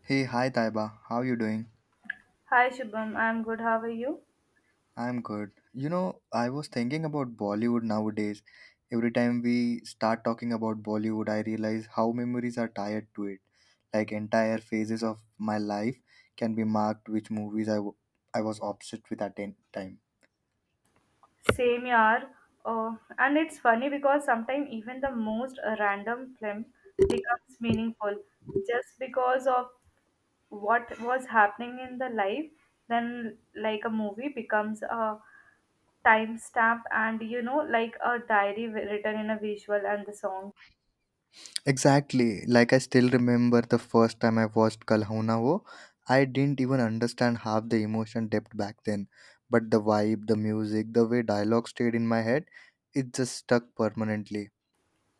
Hey, hi Taiba. How you doing? Hi Shubham, I'm good. How are you? I'm good. You know, I was thinking about Bollywood nowadays. Every time we start talking about Bollywood, I realize how memories are tied to it. Like entire phases of my life can be marked which movies I was obsessed with at that time. Same yaar. Oh, and it's funny because sometimes even the most random film becomes meaningful just because of what was happening in the life. Then, like a movie becomes a timestamp and like a diary written in a visual and the song. Exactly. Like I still remember the first time I watched Kal Ho Na Ho. I didn't even understand half the emotion depth back then, but the vibe, the music, the way dialogue stayed in my head, it just stuck permanently.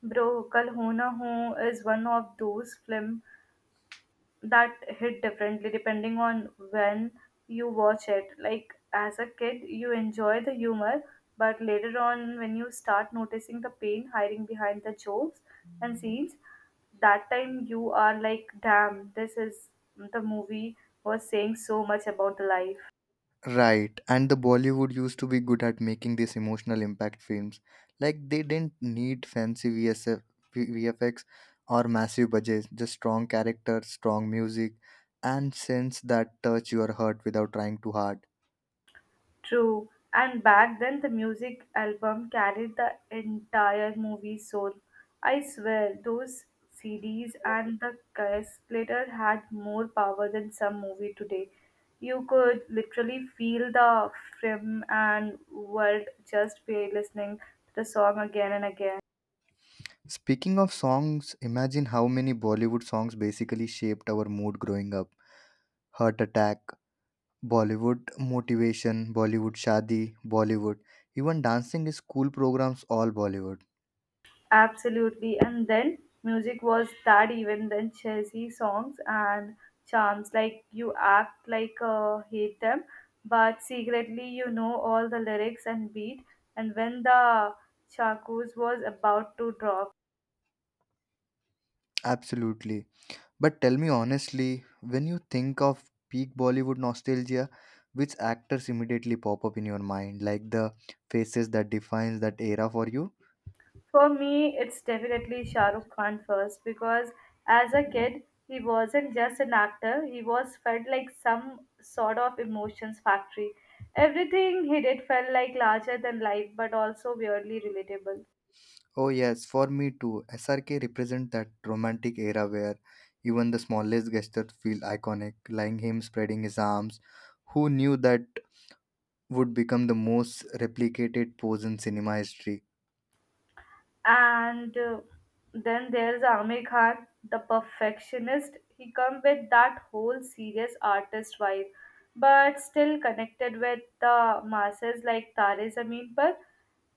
Bro, Kal Ho Na Ho is one of those film that hit differently depending on when you watch it. Like as a kid, you enjoy the humor, but later on, when you start noticing the pain hiding behind the jokes and scenes, that time you are like, damn, this is the movie was saying so much about the life. Right. And the Bollywood used to be good at making these emotional impact films. Like they didn't need fancy VFX or massive budgets, just strong characters, strong music, and sense that touch your heart without trying too hard. True. And back then, the music album carried the entire movie soul. I swear, those CDs and the cassette later had more power than some movie today. You could literally feel the film and world just by listening to the song again and again. Speaking of songs, imagine how many Bollywood songs basically shaped our mood growing up. Heart attack, Bollywood motivation, Bollywood shadi, Bollywood. Even dancing is school programs, all Bollywood. Absolutely. And then music was that even then cheesy songs and charms like you act like hate them, but secretly you know all the lyrics and beat. And when the chakus was about to drop, Absolutely. But tell me honestly, when you think of peak Bollywood nostalgia, which actors immediately pop up in your mind, like the faces that defines that era for you? for me, it's definitely Shah Rukh Khan first because as a kid, he wasn't just an actor, he was felt like some sort of emotions factory. Everything he did felt like larger than life but also weirdly relatable. Oh yes, for me too. SRK represent that romantic era where even the smallest gestures feel iconic, like him spreading his arms. Who knew that would become the most replicated pose in cinema history? And then there's Amir Khan, the perfectionist. He come with that whole serious artist vibe, but still connected with the masses like Tare Zameen Par.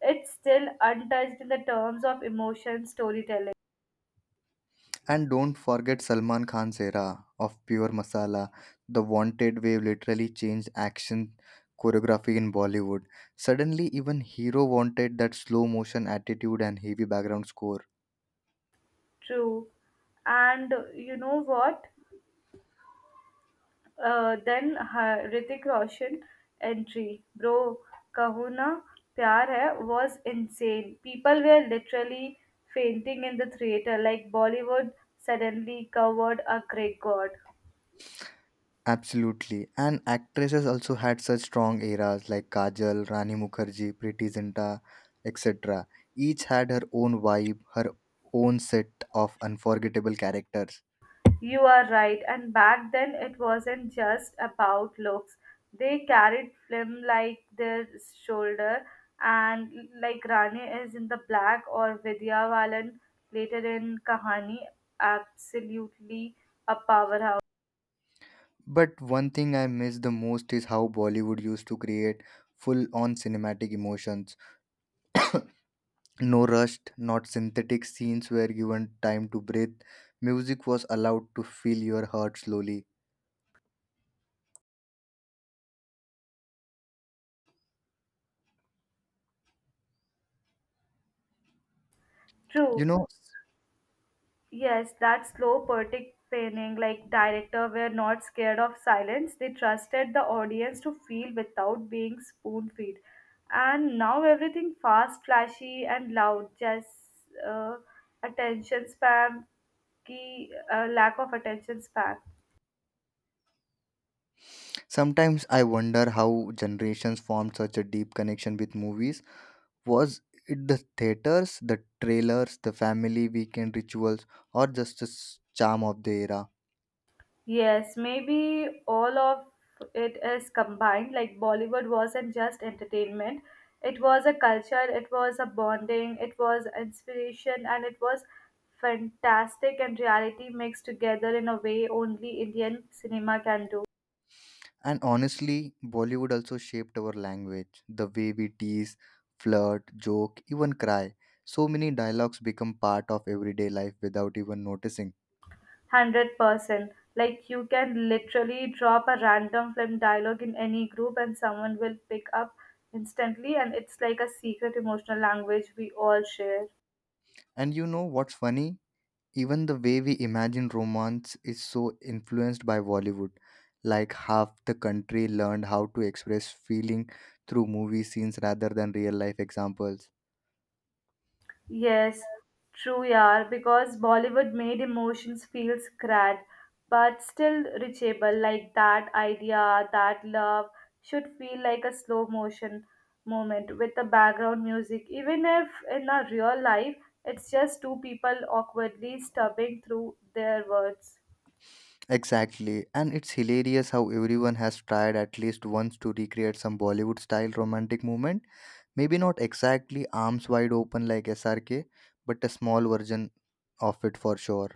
It's still untouched in the terms of emotion storytelling. And don't forget Salman Khan's era of pure masala. The wanted wave literally changed action choreography in Bollywood. Suddenly, even hero wanted that slow motion attitude and heavy background score. True. And you know what? Then Hrithik Roshan entry, bro, Kahuna Pyar Hai was insane. People were literally fainting in the theater, like Bollywood suddenly covered a Greek god. Absolutely. And actresses also had such strong eras like Kajal, Rani Mukherjee, Preeti Zinta, etc. Each had her own vibe, her own set of unforgettable characters. You are right, and back then it wasn't just about looks. They carried film like their shoulder, and like Rani is in the black or Vidya Balan later in Kahani, absolutely a powerhouse. But one thing I miss the most is how Bollywood used to create full on cinematic emotions. No rushed, not synthetic scenes were given time to breathe. Music was allowed to fill your heart slowly. You True. know, Yes, that slow participating like director were not scared of silence. They trusted the audience to feel without being spoon fed. And now everything fast, flashy, and loud. Just uh, attention spam, key lack of attention span. sometimes I wonder how generations formed such a deep connection with movies. Was it the theaters, the trailers, the family weekend rituals, or just the charm of the era? Yes, maybe all of it is combined. Like Bollywood wasn't just entertainment, it was a culture, it was a bonding, it was inspiration, and it was fantastic and reality mixed together in a way only Indian cinema can do. And honestly, Bollywood also shaped our language, the way we tease, flirt, joke, even cry. So many dialogues become part of everyday life without even noticing. 100%. Like you can literally drop a random film dialogue in any group and someone will pick up instantly, and it's like a secret emotional language we all share. And you know what's funny? Even the way we imagine romance is so influenced by Bollywood. Like half the country learned how to express feeling through movie scenes rather than real life examples. Yes, true, yaar. Because Bollywood made emotions feel sad, but still reachable. Like that idea, that love should feel like a slow motion moment with the background music. Even if in a real life, it's just two people awkwardly stubbing through their words. Exactly, and it's hilarious how everyone has tried at least once to recreate some Bollywood style romantic movement. Maybe not exactly arms wide open like SRK, but a small version of it for sure.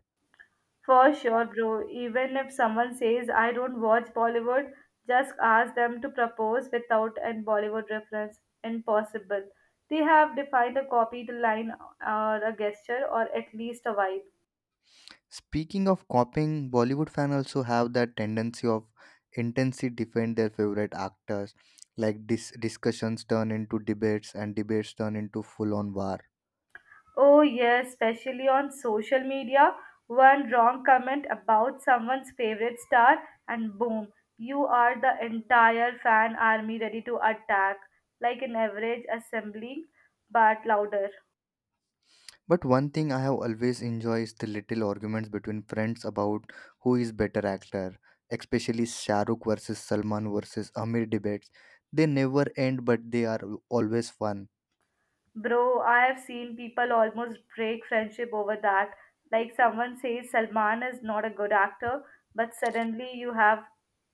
For sure, bro. Even if someone says I don't watch Bollywood, just ask them to propose without a Bollywood reference. Impossible. They have defined a copied line or a gesture or at least a vibe. Speaking of copying, Bollywood fans also have that tendency of intensely defend their favorite actors. Like discussions turn into debates, and debates turn into full-on war. Oh, yes, especially on social media. One wrong comment about someone's favorite star, and boom, you are the entire fan army ready to attack, like an average assembly, but louder. But one thing I have always enjoyed is the little arguments between friends about who is better actor, especially Shah Rukh versus Salman versus Amir debates. They never end, but they are always fun. Bro, I have seen people almost break friendship over that. Like someone says Salman is not a good actor, but suddenly you have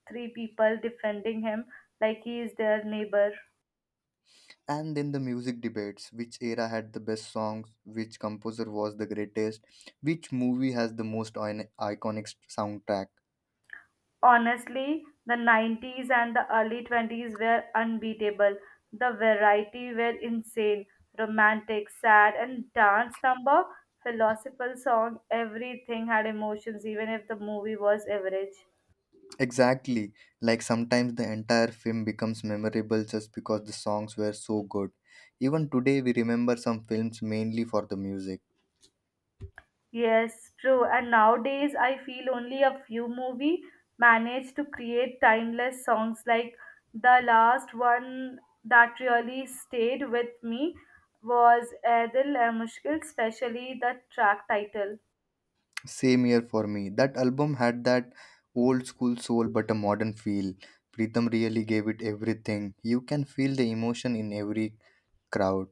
three people defending him like he is their neighbor. And then the music debates which era had the best songs, which composer was the greatest, which movie has the iconic soundtrack. Honestly, the 90s and the early 20s were unbeatable. The variety were insane. Romantic, sad, and dance number, philosophical song, everything had emotions, even if the movie was average. Exactly, like sometimes the entire film becomes memorable just because the songs were so good. Even today, we remember some films mainly for the music. Yes, true. And nowadays, I feel only a few movie manage to create timeless songs. Like the last one that really stayed with me was Ae Dil Hai Mushkil, especially the track title. Same year for me. That album had that old school soul but a modern feel. Pritham really gave it everything. You can feel the emotion in every crowd.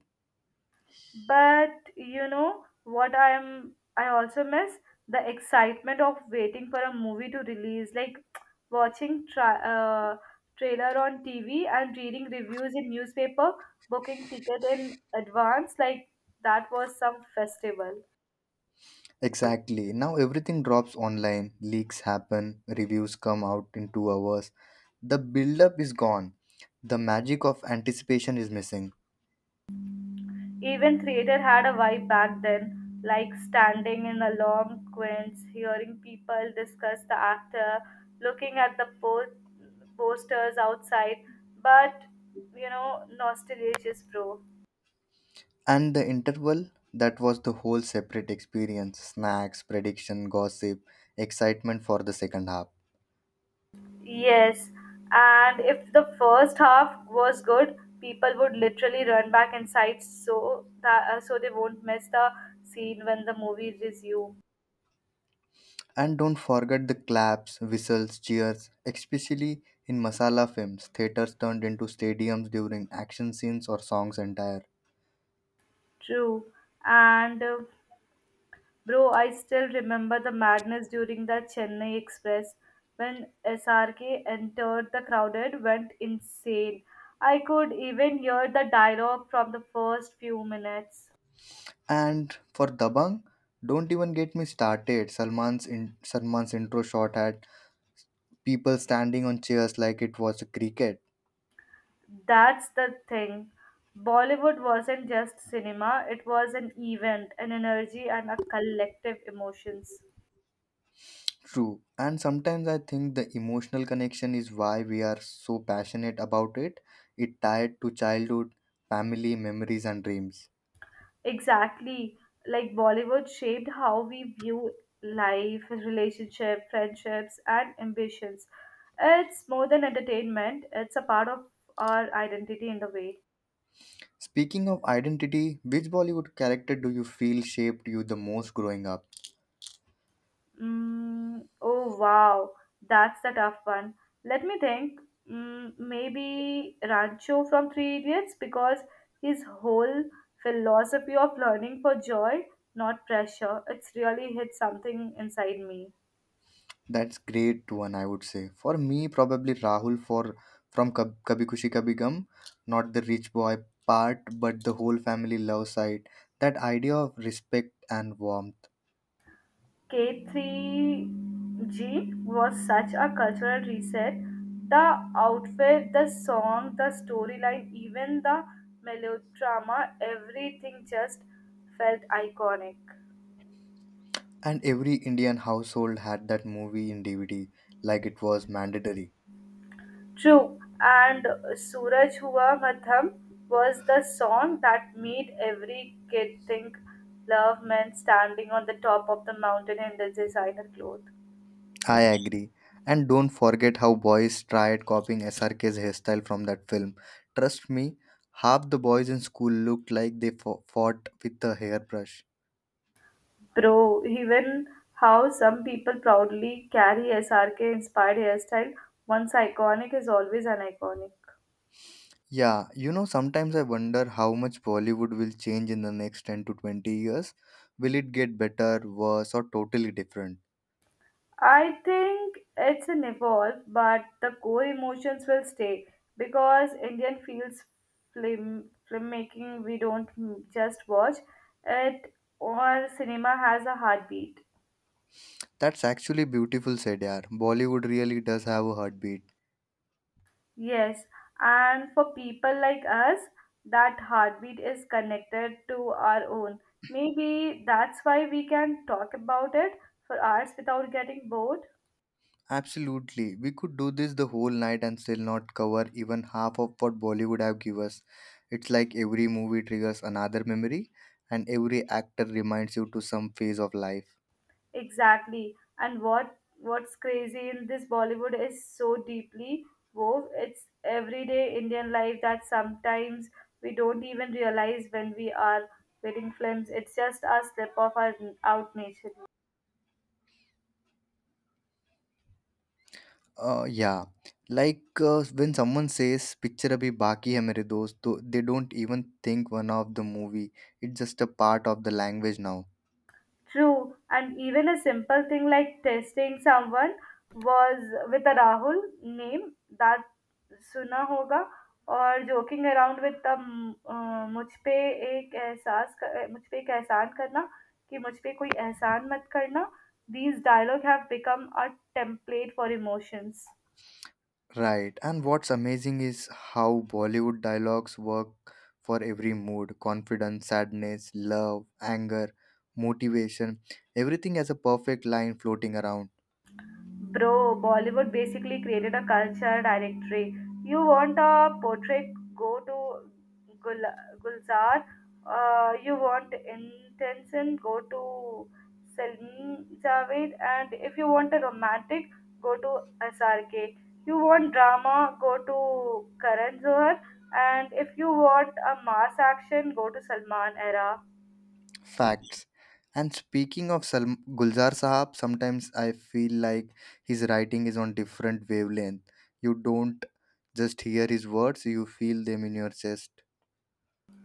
But you know what I also miss the excitement of waiting for a movie to release, like watching trailer on TV and reading reviews in newspaper, booking ticket in advance, like that was some festival. Exactly. Now everything drops online, leaks happen, reviews come out in 2 hours. The build up is gone. The magic of anticipation is missing. Even theatre had a vibe back then, like standing in the long queues, hearing people discuss the actor, looking at the posters outside. But nostalgia is pro. And the interval that was the whole separate experience, snacks, prediction, gossip, excitement for the second half. Yes, and if the first half was good, people would literally run back inside so they won't miss the scene when the movie resumes. And don't forget the claps, whistles, cheers, especially in masala films. Theaters turned into stadiums during action scenes or songs entire. True. And. Bro, I still remember the madness during the Chennai Express when SRK entered the crowded, went insane. I could even hear the dialogue from the first few minutes. And for Dabang, don't even get me started. Salman's intro shot had people standing on chairs like it was a cricket. That's the thing. Bollywood wasn't just cinema, it was an event, an energy, and a collective emotions. True. And sometimes I think the emotional connection is why we are so passionate about it. It tied to childhood, family, memories, and dreams. Exactly. Like Bollywood shaped how we view life, relationship, friendships, and ambitions. It's more than entertainment, it's a part of our identity in a way. Speaking of identity, which Bollywood character do you feel shaped you the most growing up? Oh, wow. That's the tough one. Let me think. Maybe Rancho from Three Idiots because his whole philosophy of learning for joy, not pressure, it's really hit something inside me. That's great one, I would say. For me, probably Rahul for from Kabhi Kushi Kabhi Gum, not the rich boy part, but the whole family love side. That idea of respect and warmth, K3G was such a cultural reset. The outfit, the song, the storyline, even the melodrama, everything just felt iconic. and every Indian household had that movie in DVD, like it was mandatory. True, and Suraj Hua Madham was the song that made every kid think love meant standing on the top of the mountain in the designer clothes. I agree. And don't forget how boys tried copying SRK's hairstyle from that film. Trust me, half the boys in school looked like they fought with a hairbrush. Bro, even how some people proudly carry SRK inspired hairstyle, once iconic is always an iconic. Yeah, you know, sometimes I wonder how much Bollywood will change in the next 10 to 20 years. Will it get better, worse, or totally different? I think it's an evolve, but the core emotions will stay because Indian feels film filmmaking we don't just watch it or cinema has a heartbeat. That's actually beautiful said, yaar. Bollywood really does have a heartbeat. Yes, and for people like us, that heartbeat is connected to our own. Maybe that's why we can talk about it for hours without getting bored. Absolutely. We could do this the whole night and still not cover even half of what Bollywood have give us. It's like every movie triggers another memory and every actor reminds you to some phase of life. Exactly. And what's crazy in this Bollywood is so deeply wove. It's everyday Indian life that sometimes we don't even realize when we are watching films. It's just a slip of our out nature. Yeah, when someone says "picture abhi baki hai mere dost," to they don't even think one of the movie. It's just a part of the language now. True, and even a simple thing like testing someone was with a Rahul name that सुना होगा और joking around with the a, मुझ पे एक एहसान करना कि मुझ पे कोई एहसान मत करना these dialogue have become a template for emotions. Right. And what's amazing is how Bollywood dialogues work for every mood: confidence, sadness, love, anger, motivation. Everything has a perfect line floating around. Bro, Bollywood basically created a culture directory. You want a portrait, go to Gul- Gulzar. You want intention, go to Salim Javed. And if you want a romantic, go to SRK. You want drama, go to Karan Johar. And if you want a mass action, go to Salman Era. Facts. And speaking of Gulzar Sahab, sometimes I feel like his writing is on different wavelength. You don't just hear his words, you feel them in your chest.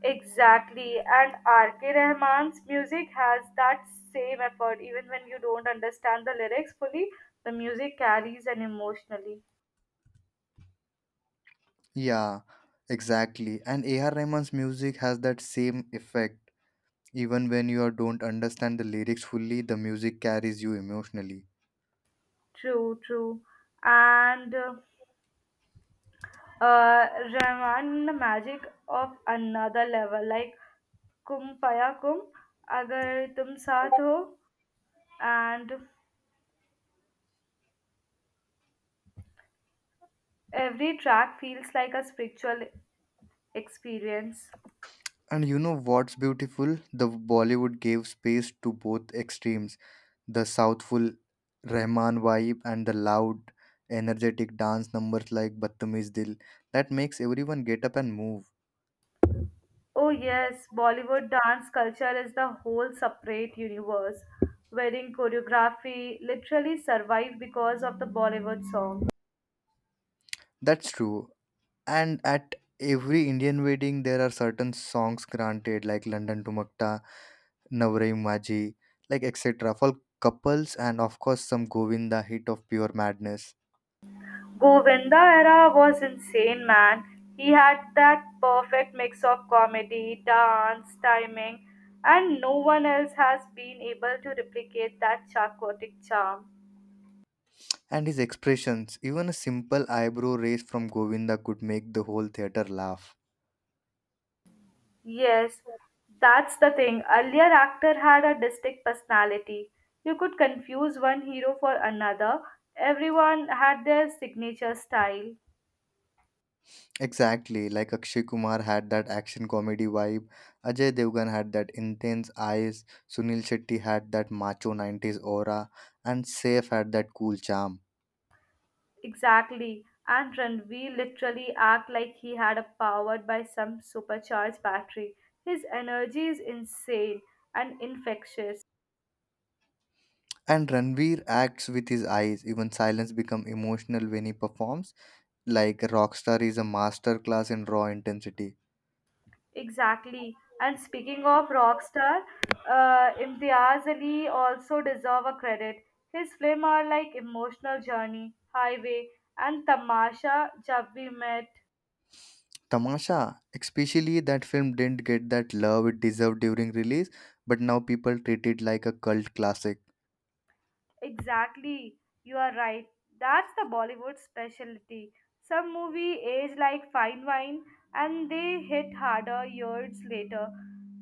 Exactly, and R.K. Rahman's music has that same effort. Even when you don't understand the lyrics fully, the music carries an emotionally. Yeah, exactly. And A.R. Rahman's music has that same effect. Even when you don't understand the lyrics fully, the music carries you emotionally. True, true. And uh, Rahman, the magic of another level, like Kum Paya Kum, Agar Tum Saath Ho, and every track feels like a spiritual experience. And you know what's beautiful? The Bollywood gave space to both extremes. The southful Rahman vibe and the loud, energetic dance numbers like Batamiz Dil that makes everyone get up and move. Oh yes, Bollywood dance culture is the whole separate universe. Wedding choreography literally survived because of the Bollywood song. That's true. And at every Indian wedding, there are certain songs granted like London Tumakta, Navrai Maji, like etc. for couples and of course some Govinda hit of pure madness. Govinda era was insane, man. He had that perfect mix of comedy, dance, timing, and no one else has been able to replicate that chaotic charm. And his expressions, even a simple eyebrow raise from Govinda could make the whole theater laugh. Yes, that's the thing. Earlier, actor had a distinct personality. You could confuse one hero for another. Everyone had their signature style. Exactly, like Akshay Kumar had that action comedy vibe, Ajay Devgan had that intense eyes, Sunil Shetty had that macho 90s aura, and Saif had that cool charm. Exactly. And Ranveer literally act like he had a powered by some supercharged battery. His energy is insane and infectious. And Ranveer acts with his eyes, even silence become emotional when he performs, like Rockstar is a masterclass in raw intensity. Exactly. And speaking of rock star, Imtiaz Ali also deserve a credit. His film are like Emotional Journey, Highway, and Tamasha Jab We Met. Tamasha, especially that film didn't get that love it deserved during release, but now people treat it like a cult classic. Exactly. You are right. That's the Bollywood specialty. Some movie age like fine wine and they hit harder years later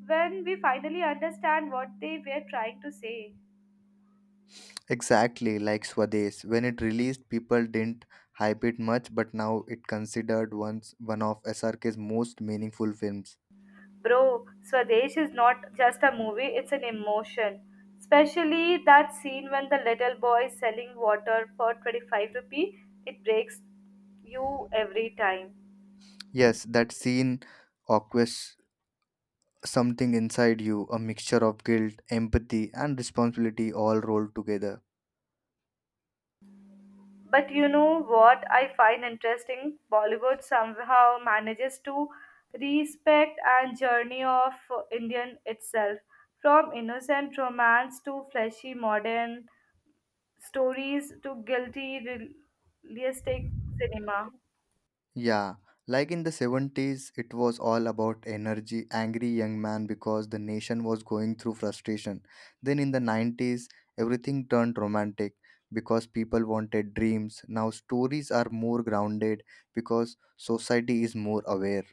when we finally understand what they were trying to say. Exactly like Swades. When it released, people didn't hype it much, but now it considered once one of SRK's most meaningful films. Bro, Swadesh is not just a movie, it's an emotion. Especially that scene when the little boy is selling water for 25 rupee, it breaks you every time. Yes, that scene occurs something inside you, a mixture of guilt, empathy, and responsibility all rolled together. But you know what I find interesting? Bollywood somehow manages to respect and journey of Indian itself. From innocent romance to flashy modern stories to guilty realistic cinema. Yeah, like in the 70s, it was all about energy, angry young man because the nation was going through frustration. Then in the 90s, everything turned romantic because people wanted dreams. Now stories are more grounded because society is more aware.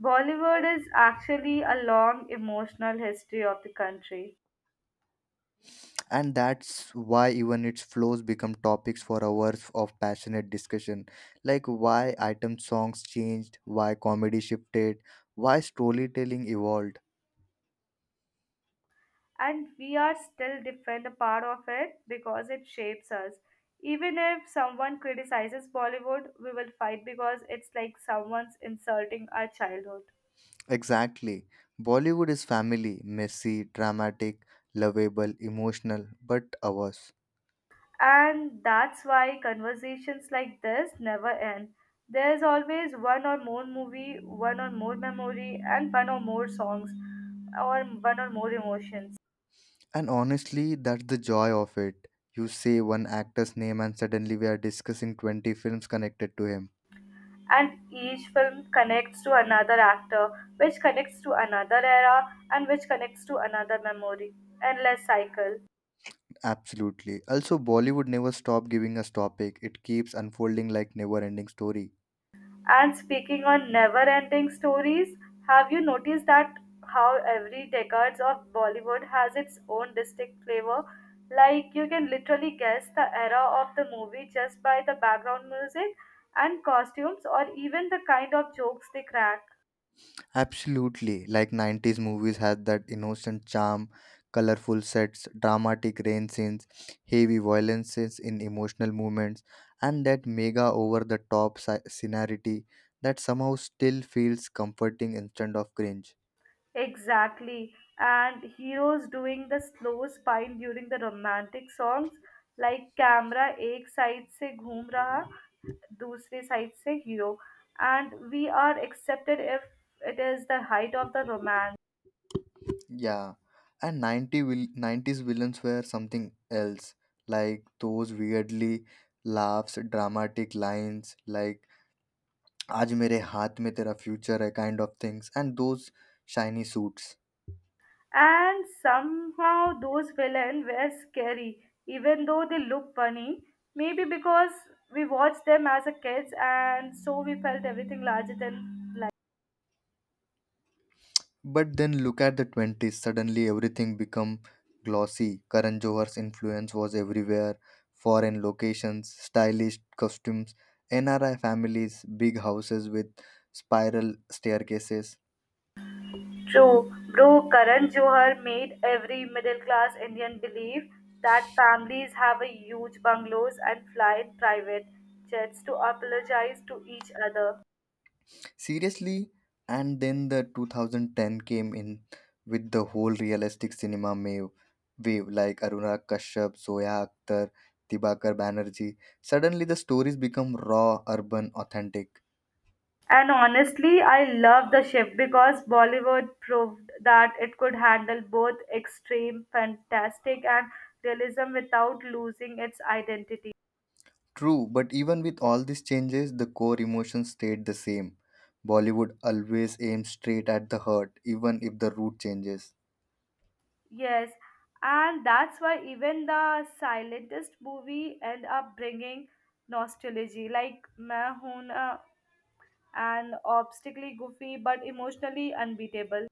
Bollywood is actually a long emotional history of the country, And that's why even its flows become topics for hours of passionate discussion, like why item songs changed, why comedy shifted, why storytelling evolved. and we are still different a part of it because it shapes us. Even if someone criticizes Bollywood, we will fight because it's like someone's insulting our childhood. Exactly. Bollywood is family, messy, dramatic, lovable, emotional, but ours. And that's why conversations like this never end. There's always one or more movie, one or more memory, and one or more songs, or one or more emotions. And honestly, that's the joy of it. You say one actor's name, and suddenly we are discussing 20 films connected to him. And each film connects to another actor, which connects to another era, and which connects to another memory. Endless cycle. Absolutely. Also, Bollywood never stops giving us topic. It keeps unfolding like never-ending story. And speaking on never ending stories, have you noticed that how every decades of Bollywood has its own distinct flavor? Like you can literally guess the era of the movie just by the background music and costumes or even the kind of jokes they crack. Absolutely. Like 90s movies had that innocent charm, colorful sets, dramatic rain scenes, heavy violence scenes in emotional moments, and that mega over the top scenario that somehow still feels comforting instead of cringe. Exactly. And heroes doing the slow spine during the romantic songs like camera एक side से घूम रहा दूसरे side से hero, and we are accepted if it is the height of the romance, Yeah. And 90s villains were something else. Like those weirdly laughs, dramatic lines, like Aaj mere haath mein tera future hai kind of things, and those shiny suits. and somehow those villains were scary even though they look funny, maybe because we watched them as a kids and so we felt everything larger than. But then look at the 20s, suddenly everything become glossy. Karan Johar's influence was everywhere. Foreign locations, stylish costumes, NRI families, big houses with spiral staircases. True, bro, Karan Johar made every middle class Indian believe that families have a huge bungalows and fly in private jets to apologize to each other. Seriously, and then the 2010 came in with the whole realistic cinema wave like Aruna Kashyap, Zoya Akhtar, Dibakar Banerjee. Suddenly the stories become raw, urban, authentic. And honestly, I love the shift because Bollywood proved that it could handle both extreme, fantastic, and realism without losing its identity. True, but even with all these changes, the core emotions stayed the same. Bollywood always aims straight at the heart, even if the route changes. Yes, and that's why even the silentest movie end up bringing nostalgia, like Main Hoon Na, an obstinately goofy but emotionally unbeatable.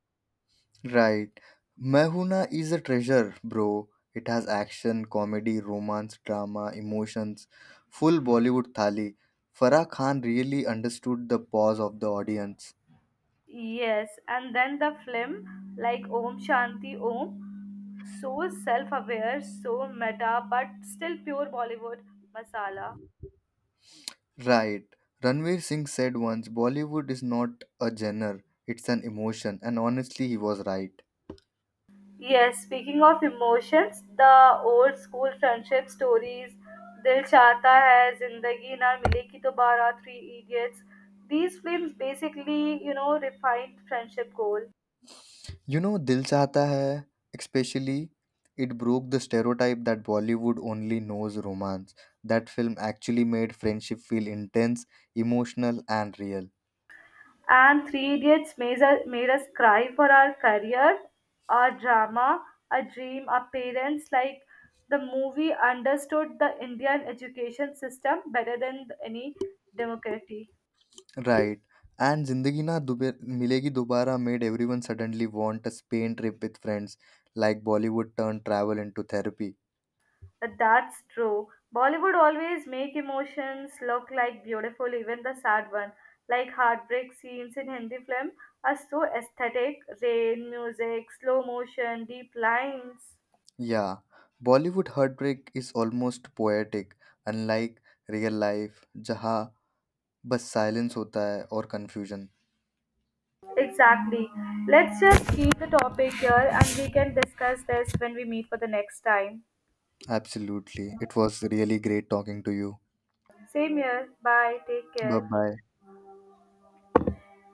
Right. Mehuna is a treasure, bro. It has action, comedy, romance, drama, emotions, full Bollywood thali. Farah Khan really understood the pause of the audience. Yes, and then the film like Om Shanti Om, so self-aware, so meta, but still pure Bollywood masala. Right. Ranveer Singh said once Bollywood is not a genre, it's an emotion, and honestly, he was right. Yes, speaking of emotions, the old school friendship stories, Dil Chahta Hai, Zindagi Na Milegi Dobara, Three Idiots. These films basically, refined friendship goal. You know, Dil Chahta Hai, especially, it broke the stereotype that Bollywood only knows romance. That film actually made friendship feel intense, emotional, and real. And Three Idiots made us cry for our career, our drama, our dream, our parents. Like the movie understood the Indian education system better than any democracy. Right. And Milegi Dobara made everyone suddenly want a Spain trip with friends, like Bollywood turned travel into therapy. That's true. Bollywood always make emotions look like beautiful, even the sad one. Like heartbreak scenes in Hindi film are so aesthetic. Rain, music, slow motion, deep lines. Yeah, Bollywood heartbreak is almost poetic, unlike real life, जहाँ बस silence होता है और confusion. Exactly. Let's just keep the topic here and we can discuss this when we meet for the next time. Absolutely. It was really great talking to you. Same here. Bye. Take Bye care. bye.